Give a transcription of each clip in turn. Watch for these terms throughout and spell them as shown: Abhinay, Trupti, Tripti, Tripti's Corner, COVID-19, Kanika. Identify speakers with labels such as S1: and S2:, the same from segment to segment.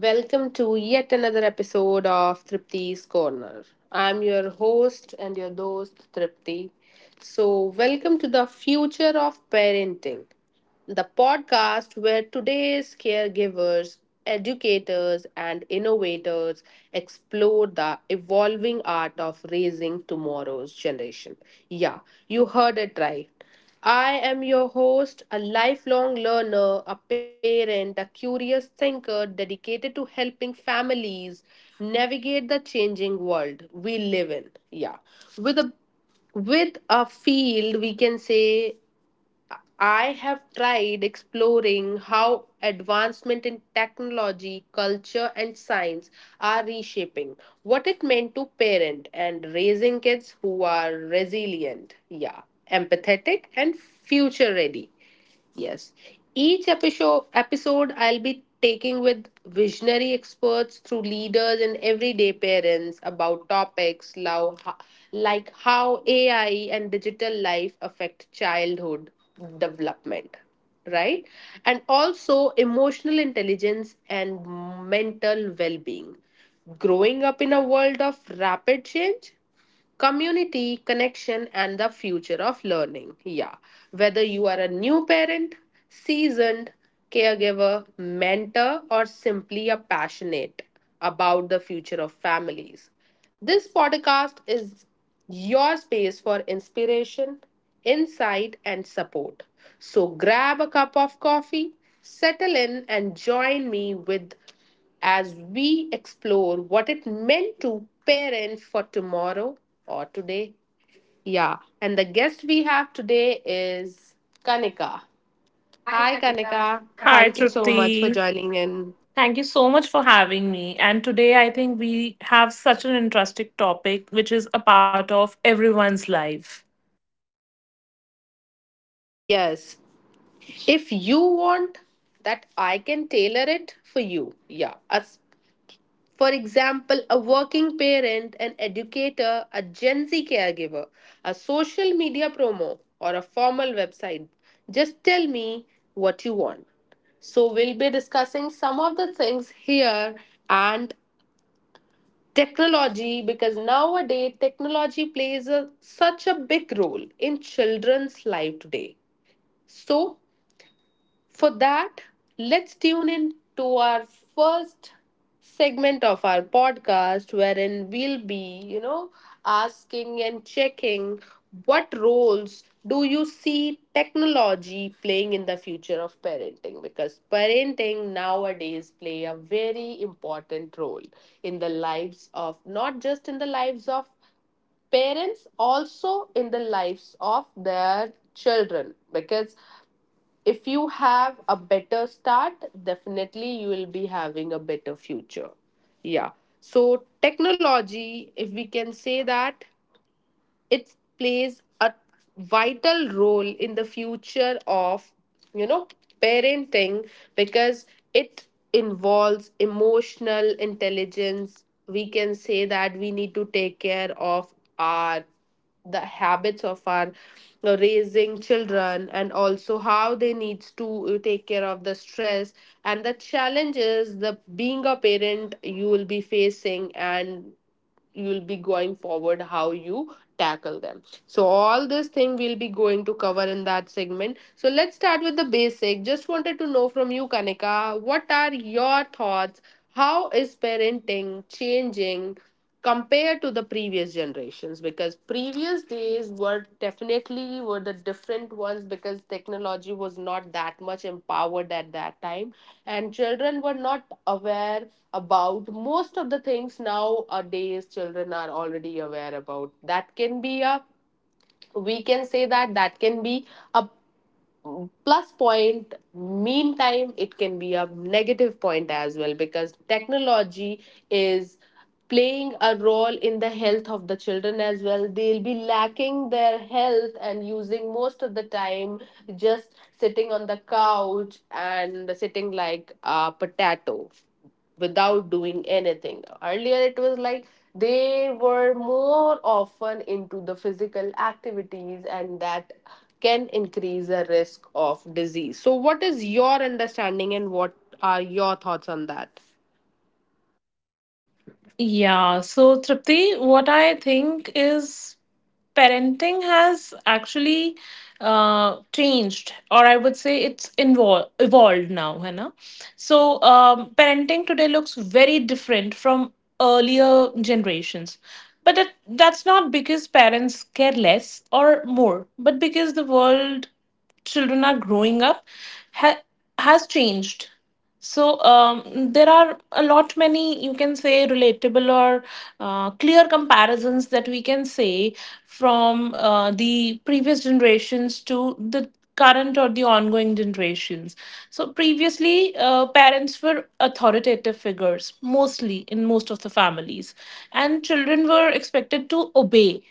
S1: Welcome to yet another episode of Tripti's Corner. I'm your host Tripti. So, Welcome to the future of parenting, the podcast where today's caregivers, educators, and innovators explore the evolving art of raising tomorrow's generation. Yeah, you heard it right. I am your host, a lifelong learner, a parent, a curious thinker dedicated to helping families navigate the changing world we live in. Yeah. With a with a field we can say I have tried exploring how advancement in technology, culture, and science are reshaping what it meant to parent and raising kids who are resilient, yeah, empathetic, and future ready. Yes. Each episode, I'll be taking with visionary experts through leaders and everyday parents about topics like how AI and digital life affect childhood development, right? And also emotional intelligence and mental well being. Growing up in a world of rapid change, community connection and the future of learning, yeah, whether you are a new parent, seasoned caregiver, mentor, or simply a passionate about the future of families, this podcast is your space for inspiration, insight, and support. So grab a cup of coffee, settle in, and join me with as we explore what it meant to parent for tomorrow or today. Yeah, and the guest we have today is Kanika. Hi, Kanika.
S2: Hi,
S1: Thank you so much for
S2: Trupti.
S1: joining in.
S2: Thank you so much for having me. And today I think we have such an interesting topic, which is a part of everyone's life.
S1: Yes, if you want that, I can tailor it for you. Yeah, a for example, a working parent, an educator, a Gen Z caregiver, a social media promo, or a formal website. Just tell me what you want. So, we'll be discussing some of the things here and technology because nowadays technology plays a, such a big role in children's life today. So, for that, let's tune in to our first segment of our podcast, wherein we'll be, you know, asking and checking what roles do you see technology playing in the future of parenting, because parenting nowadays play a very important role in the lives of, not just in the lives of parents, also in the lives of their children. Because if you have a better start, definitely you will be having a better future. Yeah, so technology, if we can say that, it plays a vital role in the future of, you know, parenting because it involves emotional intelligence. We can say that we need to take care of our the habits of our raising children and also how they needs to take care of the stress and the challenges the being a parent you will be facing, and you'll be going forward how you tackle them. So all this thing we'll be going to cover in that segment. So let's start with the basic. Just wanted to know from you, Kanika, what are your thoughts? How is parenting changing compared to the previous generation? Because previous days were definitely were the different ones because technology was not that much empowered at that time, and children were not aware about most of the things. Nowadays children are already aware about that. Can be a, we can say that that can be a plus point. Meantime it can be a negative point as well because technology is playing a role in the health of the children as well. They'll be lacking their health and using most of the time just sitting on the couch and sitting like a potato without doing anything. Earlier, it was like they were more often into the physical activities, and that can increase the risk of disease. So, what is your understanding and what are your thoughts on that?
S2: Yeah, so Tripti, what I think is parenting has actually changed, or I would say it's evolved now है ना. So parenting today looks very different from earlier generations, but that's not because parents care less or more but because the world children are growing up ha- has changed. So there are a lot many, you can say, relatable or clear comparisons that we can say from the previous generations to the current or the ongoing generations. So previously, parents were authoritative figures mostly in most of the families, and children were expected to obey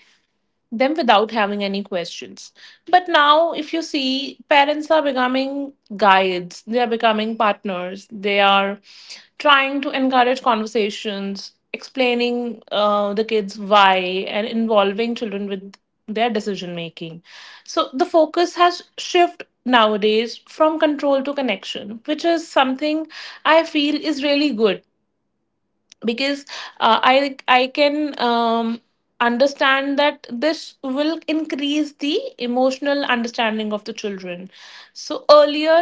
S2: them without having any questions. But now, if you see, parents are becoming guides, they are becoming partners, they are trying to encourage conversations, explaining the kids why, and involving children with their decision making. So the focus has shifted nowadays from control to connection, which is something I feel is really good, because I can understand that this will increase the emotional understanding of the children. So earlier,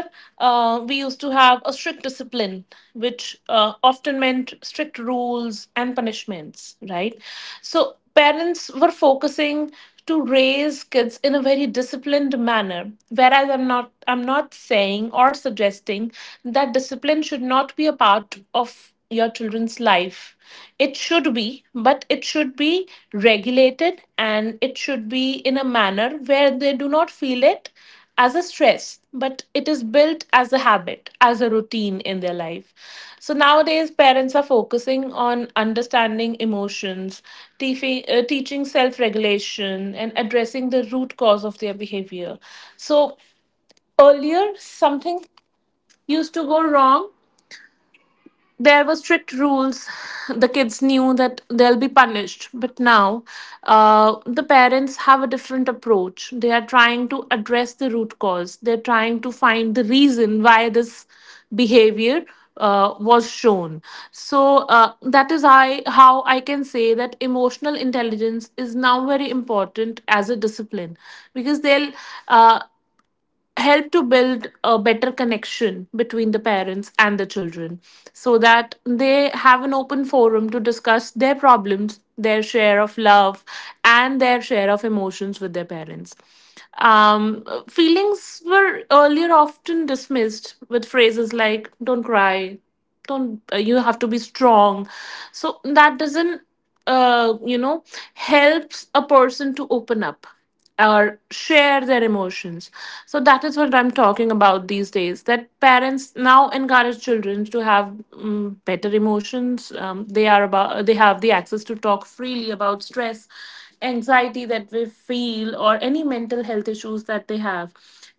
S2: we used to have a strict discipline, which often meant strict rules and punishments, right? So parents were focusing to raise kids in a very disciplined manner, whereas I'm not saying or suggesting that discipline should not be a part of your children's life. It should be, but it should be regulated, and it should be in a manner where they do not feel it as a stress, but it is built as a habit, as a routine in their life. So nowadays, parents are focusing on understanding emotions, teaching self regulation, and addressing the root cause of their behavior. So earlier, something used to go wrong, there were strict rules. The kids knew that they'll be punished. But now, the parents have a different approach. They are trying to address the root cause, they're trying to find the reason why this behavior. Was shown. So that is, how I can say that emotional intelligence is now very important as a discipline, because they'll uh, help to build a better connection between the parents and the children, so that they have an open forum to discuss their problems, their share of love, and their share of emotions with their parents. Feelings were earlier often dismissed with phrases like, don't cry, don't, you have to be strong. So that doesn't uh, you know, helps a person to open up or share their emotions. So that is what I'm talking about these days. That parents now encourage children to have better emotions. They are about, they have the access to talk freely about stress, anxiety that we feel, or any mental health issues that they have,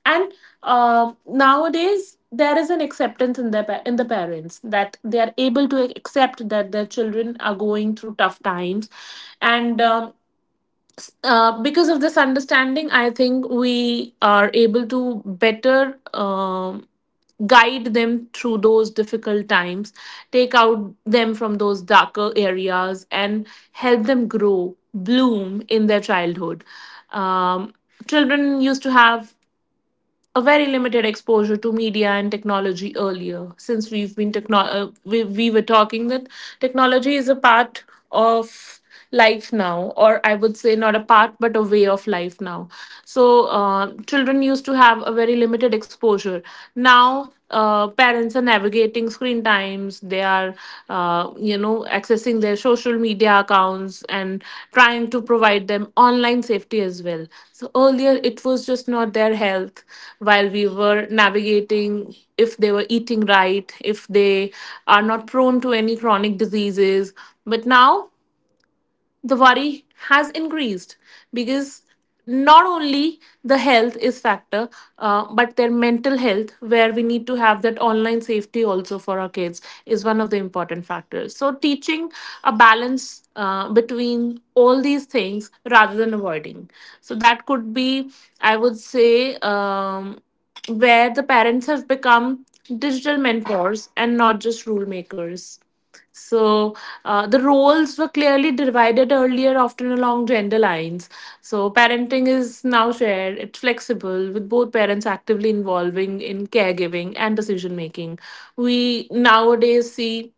S2: and nowadays there is an acceptance in their in the parents that they are able to accept that their children are going through tough times, and because of this understanding I think we are able to better guide them through those difficult times, take out them from those darker areas, and help them grow, bloom in their childhood. um, Children used to have a very limited exposure to media and technology earlier, since we've been we were talking that technology is a part of life now, or I would say not a part but a way of life now. So children used to have a very limited exposure. Now parents are navigating screen times, they are accessing their social media accounts and trying to provide them online safety as well. So earlier it was just not their health, while we were navigating if they were eating right, if they are not prone to any chronic diseases. But now the worry has increased, because not only the health is factor, but their mental health, where we need to have that online safety also for our kids, is one of the important factors. So teaching a balance between all these things rather than avoiding, so that could be, I would say, where the parents have become digital mentors and not just rule makers. So the roles were clearly divided earlier, often along gender lines. So parenting is now shared, it's flexible, with both parents actively involving in caregiving and decision making. We nowadays see,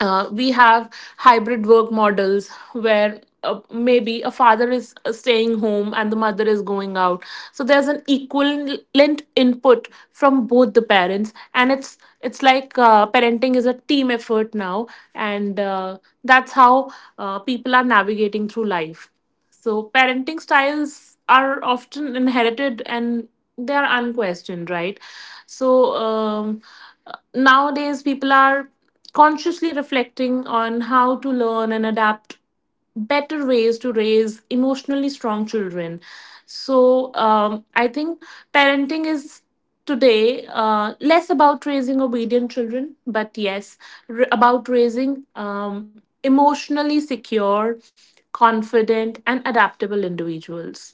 S2: we have hybrid work models where maybe a father is staying home and the mother is going out. So there's an equivalent input from both the parents, and it's like parenting is a team effort now. And that's how people are navigating through life. So parenting styles are often inherited and they are unquestioned, right? So nowadays people are consciously reflecting on how to learn and adapt better ways to raise emotionally strong children. So I think parenting is today less about raising obedient children, but yes, about raising emotionally secure, confident, and adaptable individuals.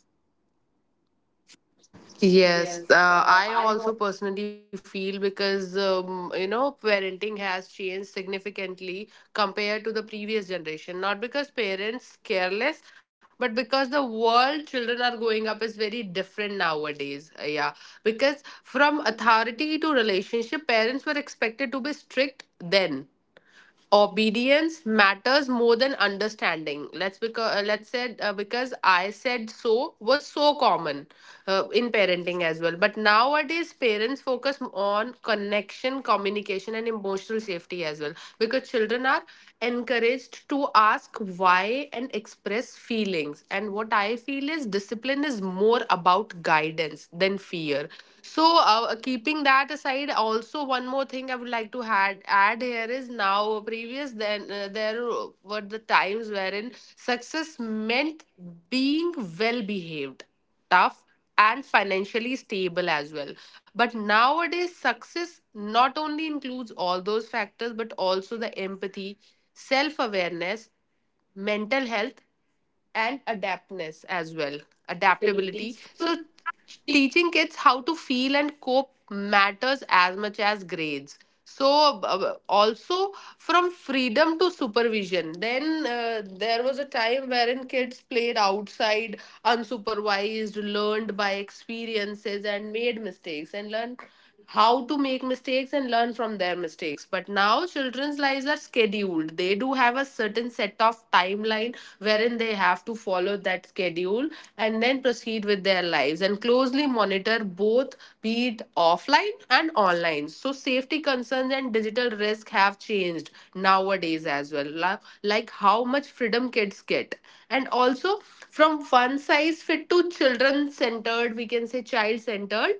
S1: Yes, I also personally feel because you know parenting has changed significantly compared to the previous generation. Not because parents careless, but because the world children are growing up is very different nowadays. Yeah, because from authority to relationship, parents were expected to be strict then obedience matters more than understanding. Let's say, because I said so was so common in parenting as well. But nowadays parents focus on connection, communication, and emotional safety as well, because children are encouraged to ask why and express feelings. And what I feel is discipline is more about guidance than fear. So, keeping that aside, also one more thing I would like to add here is now previous then there were the times wherein success meant being well behaved, tough, and financially stable as well. But nowadays, success not only includes all those factors but also the empathy, self awareness, mental health, and adaptness as well, adaptability. So teaching kids how to feel and cope matters as much as grades. So also, from freedom to supervision, then there was a time wherein kids played outside unsupervised, learned by experiences, and made mistakes and learned how to make mistakes and learn from their mistakes. But now children's lives are scheduled. They do have a certain set of timeline wherein they have to follow that schedule and then proceed with their lives and closely monitor both, be it offline and online. So safety concerns and digital risk have changed nowadays as well, like how much freedom kids get. And also from one size fit to children centered, we can say child centered.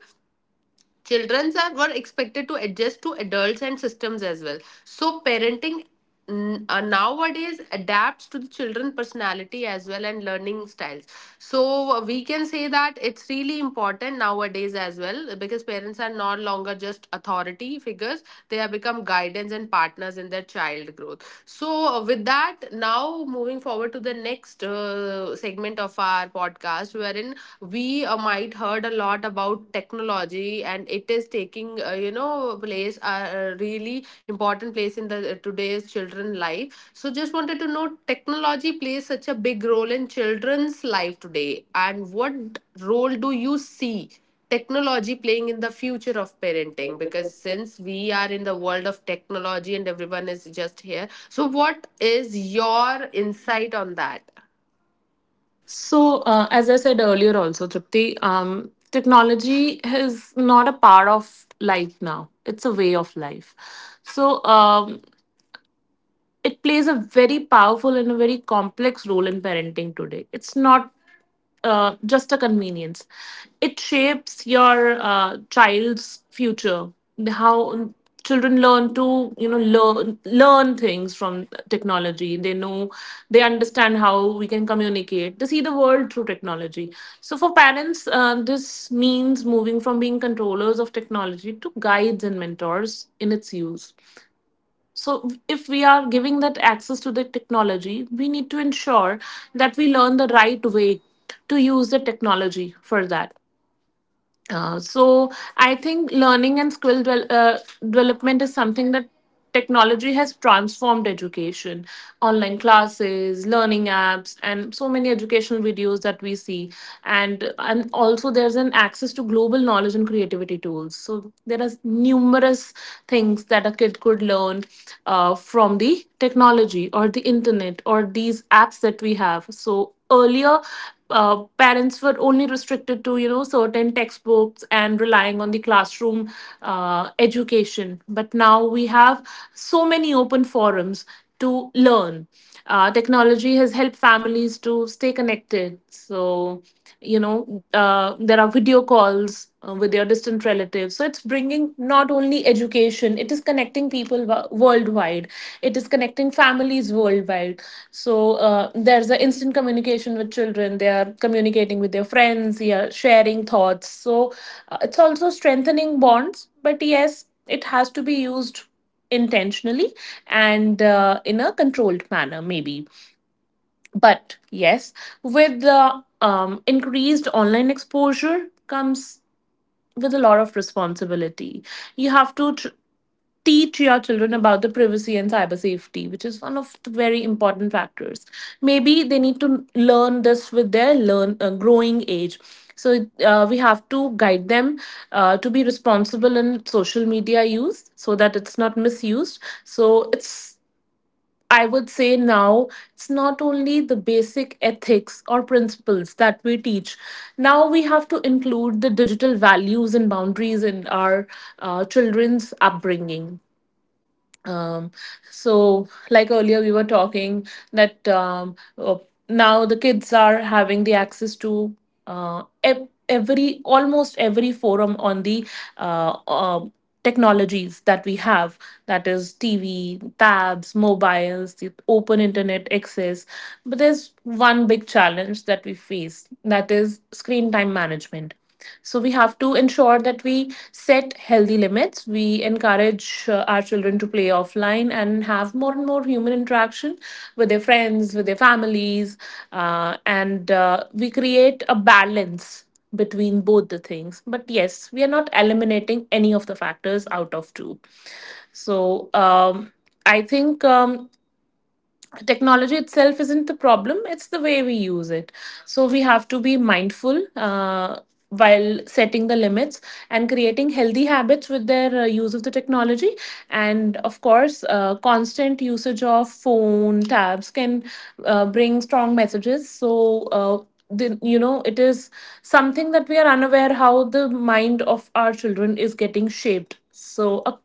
S1: Children are were expected to adjust to adults and systems as well. So parenting nowadays adapts to the children personality as well and learning styles. So we can say that it's really important nowadays as well, because parents are no longer just authority figures; they have become guidance and partners in their child growth. So with that, now moving forward to the next segment of our podcast, wherein we might heard a lot about technology and it is taking you know place a really important place in the today's children life. So just wanted to know, technology plays such a big role in children's life today, and what role do you see technology playing in the future of parenting? Because since we are in the world of technology and everyone is just here, so what is your insight on that?
S2: So, as I said earlier, also, Tripti, technology is not a part of life now, it's a way of life. So, it plays a very powerful and a very complex role in parenting today. It's not just a convenience. It shapes your child's future. How children learn to, you know, learn things from technology. They know, they understand how we can communicate. They see the world through technology. So for parents, this means moving from being controllers of technology to guides and mentors in its use. So, if we are giving that access to the technology, we need to ensure that we learn the right way to use the technology for that. So I think learning and skill development is something that technology has transformed education. Online classes, learning apps, and so many educational videos that we see, and also there's an access to global knowledge and creativity tools. So there are numerous things that a kid could learn from the technology or the internet or these apps that we have. So earlier parents were only restricted to, you know, certain textbooks and relying on the classroom education, but now we have so many open forums to learn. Technology has helped families to stay connected, so you know, there are video calls with their distant relatives, so it's bringing not only education, it is connecting people worldwide, it is connecting families worldwide. So there's the instant communication with children. They are communicating with their friends. They are sharing thoughts. So it's also strengthening bonds. But yes, it has to be used intentionally, and in a controlled manner, maybe. But yes, with the increased online exposure comes with a lot of responsibility. You have to teach your children about the privacy and cyber safety, which is one of the very important factors. Maybe they need to learn this with their learn growing age. So we have to guide them to be responsible in social media use, so that it's not misused. So it's, I would say now, it's not only the basic ethics or principles that we teach. Now we have to include the digital values and boundaries in our children's upbringing. um, so like earlier we were talking that now the kids are having the access to every almost every forum on the uh, uh, technologies that we have, that is TV, tabs, mobiles, the open internet access. But there's one big challenge that we face, that is screen time management. So we have to ensure that we set healthy limits. We encourage our children to play offline and have more and more human interaction with their friends, with their families, and we create a balance between both the things. But yes, we are not eliminating any of the factors out of two. So, I think. Technology itself isn't the problem, it's the way we use it. So we have to be mindful while setting the limits and creating healthy habits with their use of the technology. And of course, constant usage of phone tabs can bring strong messages. So you know, it is something that we are unaware how the mind of our children is getting shaped. So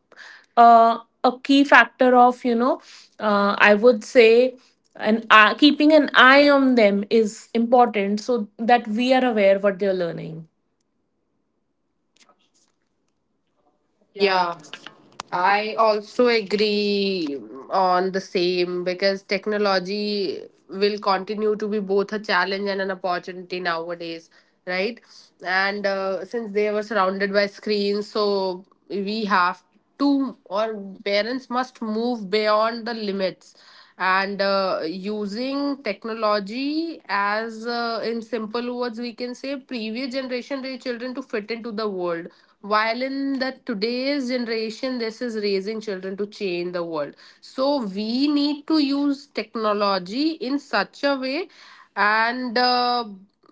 S2: uh, a a key factor of, you know, I would say, and keeping an eye on them is important, so that we are aware what they're learning.
S1: Yeah, I also agree on the same because technology will continue to be both a challenge and an opportunity nowadays, right? And since they were surrounded by screens, so we have to, or parents must move beyond the limits and using technology as, in simple words, we can say previous generation raised children to fit into the world, while in the today's generation this is raising children to change the world. So we need to use technology in such a way. And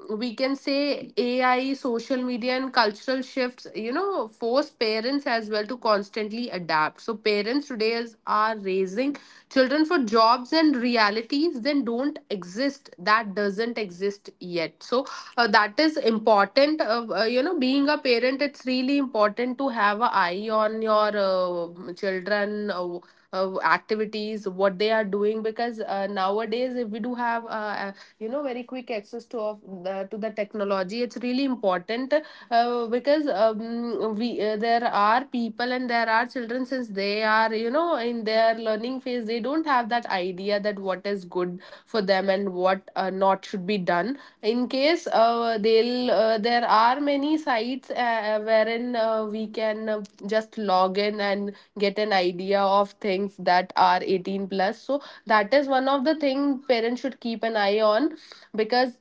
S1: we can say AI, social media, and cultural shifts, you know, force parents as well to constantly adapt. So, parents today is, are raising children for jobs and realities then don't exist, that doesn't exist yet. So, that is important. You know, being a parent, it's really important to have an eye on your children. Activities what they are doing, because nowadays if we do have you know very quick access to of the, to the technology, it's really important. Because we there are people and there are children, since they are you know in their learning phase, they don't have that idea that what is good for them and what not should be done. In case they'll there are many sites, wherein we can just log in and get an idea of things that are 18 plus. So that is one of the thing parents should keep an eye on, because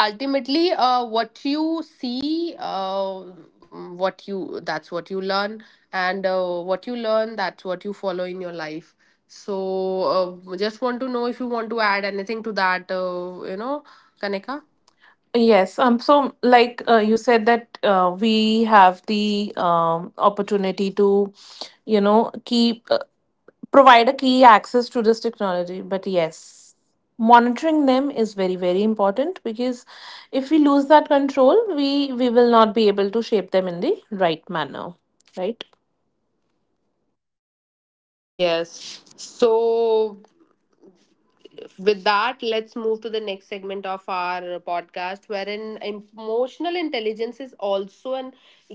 S1: ultimately what you see, what you that's what you learn. And what you learn, that's what you follow in your life. So just want to know if you want to add anything to that, you know, Kanika.
S2: Yes. So, like, you said that we have the opportunity to, you know, keep provide a key access to this technology. But yes, monitoring them is very very important because if we lose that control, we will not be able to shape them in the right manner. Right.
S1: Yes. So with that, let's move to the next segment of our podcast, wherein emotional intelligence is also an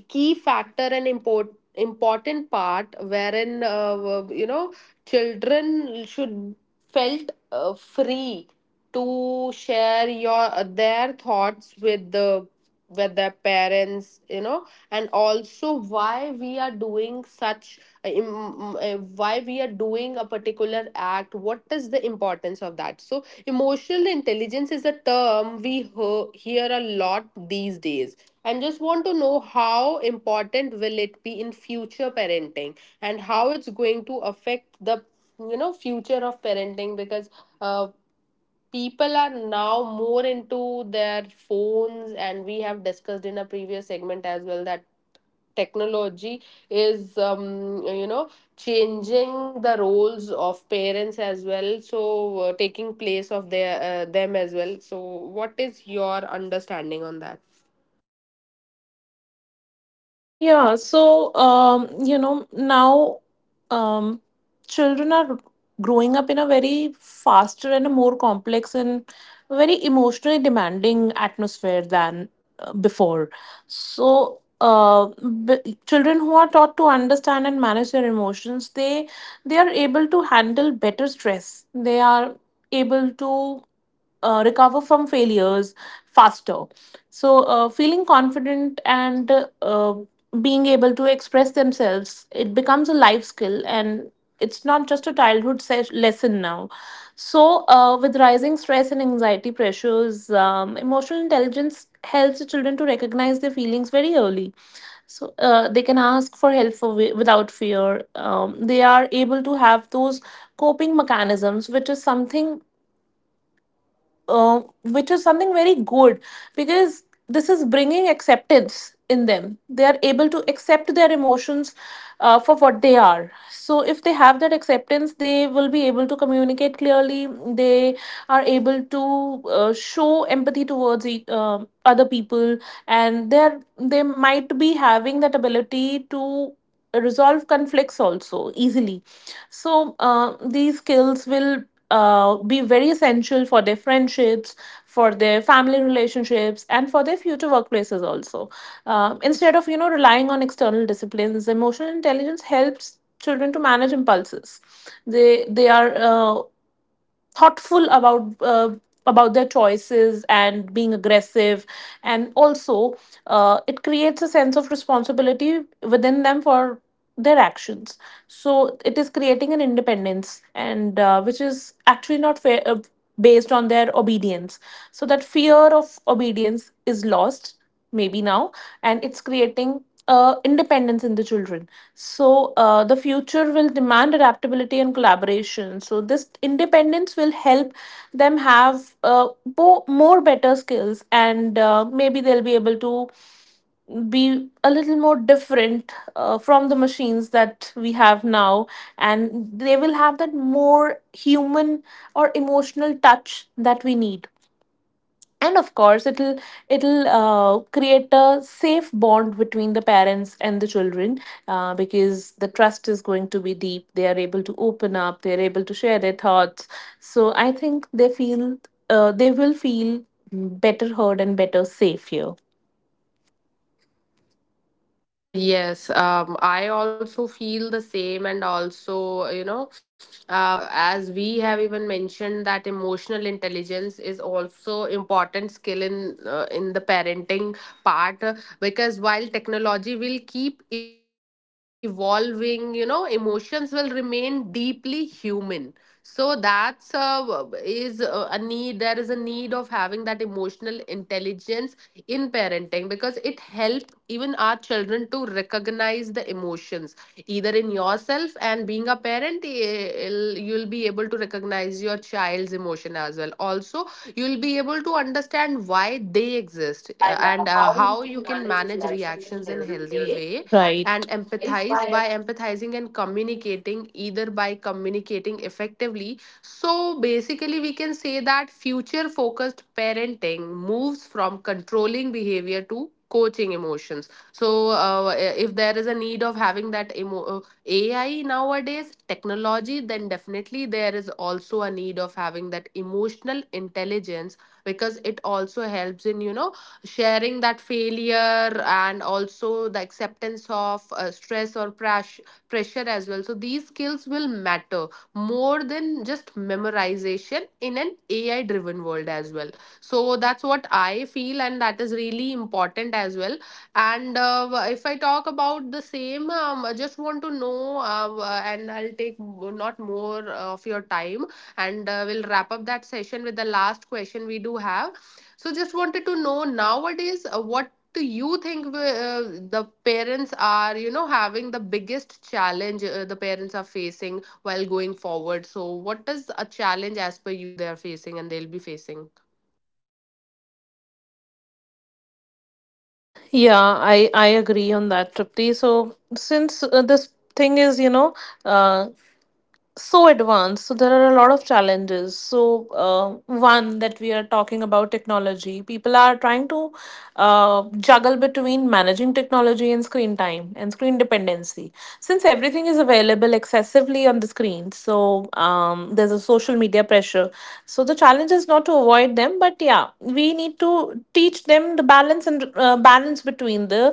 S1: key factor and important part, wherein children should felt free to share your their thoughts with their parents, and also why we are doing such why we are doing a particular act. What is the importance of that? So emotional intelligence is a term we hear a lot these days, and just want to know how important will it be in future parenting and how it's going to affect the future of parenting. Because uh, people are now more into their phones, and we have discussed in a previous segment as well that technology is changing the roles of parents as well, so taking place of their them as well. So what is your understanding on that?
S2: Yeah, so you know, now um, Children are growing up in a very faster and a more complex and very emotionally demanding atmosphere than before. So, uh, Children who are taught to understand and manage their emotions, they are able to handle better stress. They are able to recover from failures faster. So, feeling confident and uh, being able to express themselves, it becomes a life skill and it's not just a childhood lesson now. So, with rising stress and anxiety pressures, emotional intelligence helps the children to recognize their feelings very early. So, they can ask for help without fear. They are able to have those coping mechanisms, which is something, very good, because this is bringing acceptance in them. They are able to accept their emotions for what they are. So, if they have that acceptance, they will be able to communicate clearly. They are able to show empathy towards other people, and they might be having that ability to resolve conflicts also easily. So, these skills will be very essential for their friendships, for their family relationships, and for their future workplaces also. Instead of relying on external disciplines, emotional intelligence helps children to manage impulses. They are thoughtful about their choices and being aggressive, and also it creates a sense of responsibility within them for their actions. So it is creating an independence, and which is actually not fair, based on their obedience. So that fear of obedience is lost maybe now, and it's creating independence in the children. So, the future will demand adaptability and collaboration. So, this independence will help them have more better skills, and maybe they'll be able to be a little more different from the machines that we have now. And they will have that more human or emotional touch that we need, and of course it'll create a safe bond between the parents and the children, because the trust is going to be deep. They are able to open up, they're able to share their thoughts. So I think they feel, they will feel better heard and better safe here.
S1: Yes, I also feel the same, and also, as we have even mentioned that emotional intelligence is also important skill in the parenting part, because while technology will keep evolving, you know, emotions will remain deeply human. So that's is a need. There is a need of having that emotional intelligence in parenting, because it helps even our children to recognize the emotions either in yourself. And being a parent, you'll be able to recognize your child's emotion as well. Also, you'll be able to understand why they exist, and how you can manage reactions in healthy way,
S2: Right.
S1: and empathize by empathizing, and communicating either by communicating effectively. So basically, we can say that future focused parenting moves from controlling behavior to coaching emotions. So, if there is a need of having that AI nowadays, technology, then definitely there is also a need of having that emotional intelligence, because it also helps in, you know, sharing that failure and also the acceptance of stress or pressure as well. So, these skills will matter more than just memorization in an AI driven world as well. So that's what I feel, and that is really important as well. And if I talk about the same, I just want to know, and I'll take not more of your time, and we'll wrap up that session with the last question we do have. So just wanted to know nowadays what do you think the parents are you know having the biggest challenge, the parents are facing while going forward. So, what is a challenge as per you they are facing and they'll be facing?
S2: Yeah, I agree on that, Tripti. So, since this thing is, uh, so advanced, so there are a lot of challenges. So one that we are talking about technology, people are trying to juggle between managing technology and screen time and screen dependency, since everything is available excessively on the screen. So there's a social media pressure. So the challenge is not to avoid them, but yeah, we need to teach them the balance and balance between the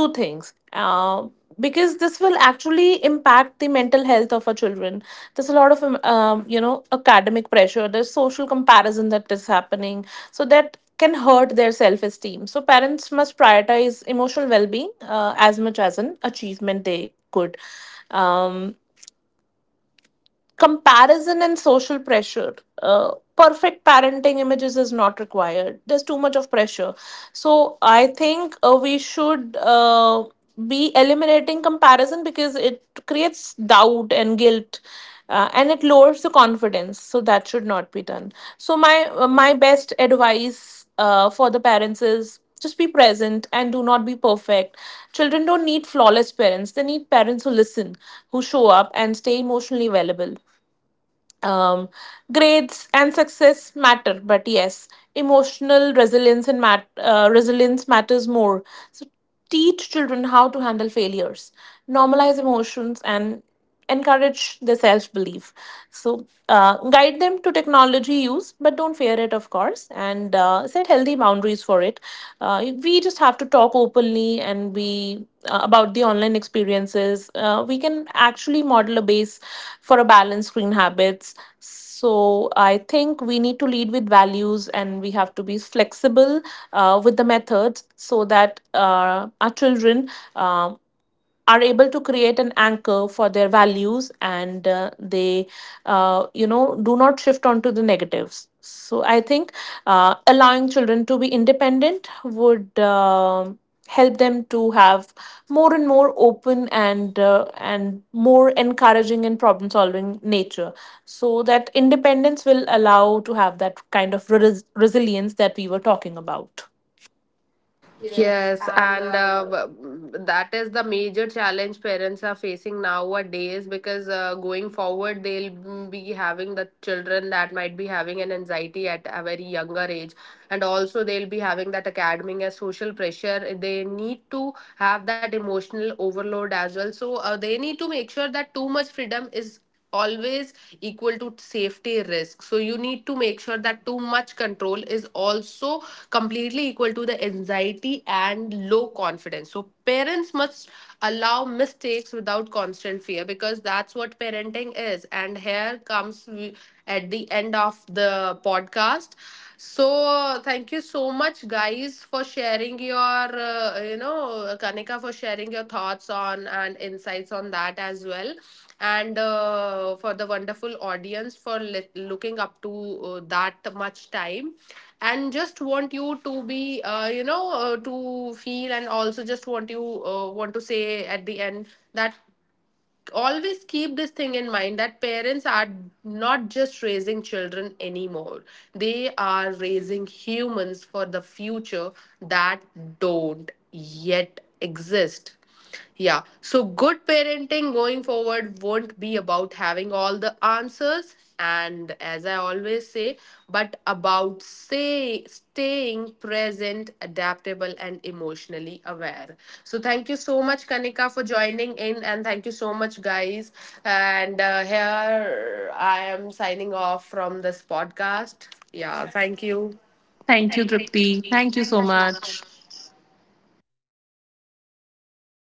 S2: two things. Uh, because this will actually impact the mental health of our children. There's a lot of academic pressure, there's social comparison that is happening, so that can hurt their self esteem. So parents must prioritize emotional well being as much as an achievement they could. um, Comparison and social pressure, perfect parenting images is not required, there's too much of pressure. So I think we should be eliminating comparison because it creates doubt and guilt, and it lowers the confidence, so that should not be done. So my best advice for the parents is just be present and do not be perfect. Children don't need flawless parents, they need parents who listen, who show up and stay emotionally available. um, Grades and success matter, but yes, emotional resilience and resilience matters more. So teach children how to handle failures, normalize emotions, and encourage their self belief. So guide them to technology use, but don't fear it, of course, and set healthy boundaries for it. We just have to talk openly, and we about the online experiences. We can actually model a base for a balanced screen habits. So I think we need to lead with values, and we have to be flexible with the methods, so that our children um are able to create an anchor for their values, and they do not shift onto the negatives. So I think allowing children to be independent would help them to have more and more open and and more encouraging and problem solving nature. So that independence will allow to have that kind of resilience that we were talking about.
S1: Yes, and that is the major challenge parents are facing nowadays. Because going forward, they'll be having the children that might be having an anxiety at a very younger age, and also they'll be having that academic and social pressure. They need to have that emotional overload as well. So they need to make sure that too much freedom is always equal to safety risk. So you need to make sure that too much control is also completely equal to the anxiety and low confidence. So parents must allow mistakes without constant fear, because that's what parenting is. And here comes at the end of the podcast. So thank you so much, guys, for sharing your Kanika, for sharing your thoughts on and insights on that as well. And for the wonderful audience, for looking up to that much time. And just want you to be to feel, and also just want you want to say at the end that always keep this thing in mind, that parents are not just raising children anymore, they are raising humans for the future that don't yet exist. Yeah, so good parenting going forward won't be about having all the answers, and as I always say, but about say staying present, adaptable, and emotionally aware. So thank you so much, Kanika, for joining in, and thank you so much, guys. And here I am signing off from this podcast. Yeah, thank you.
S2: Thank you, Tripti. Thank you so much.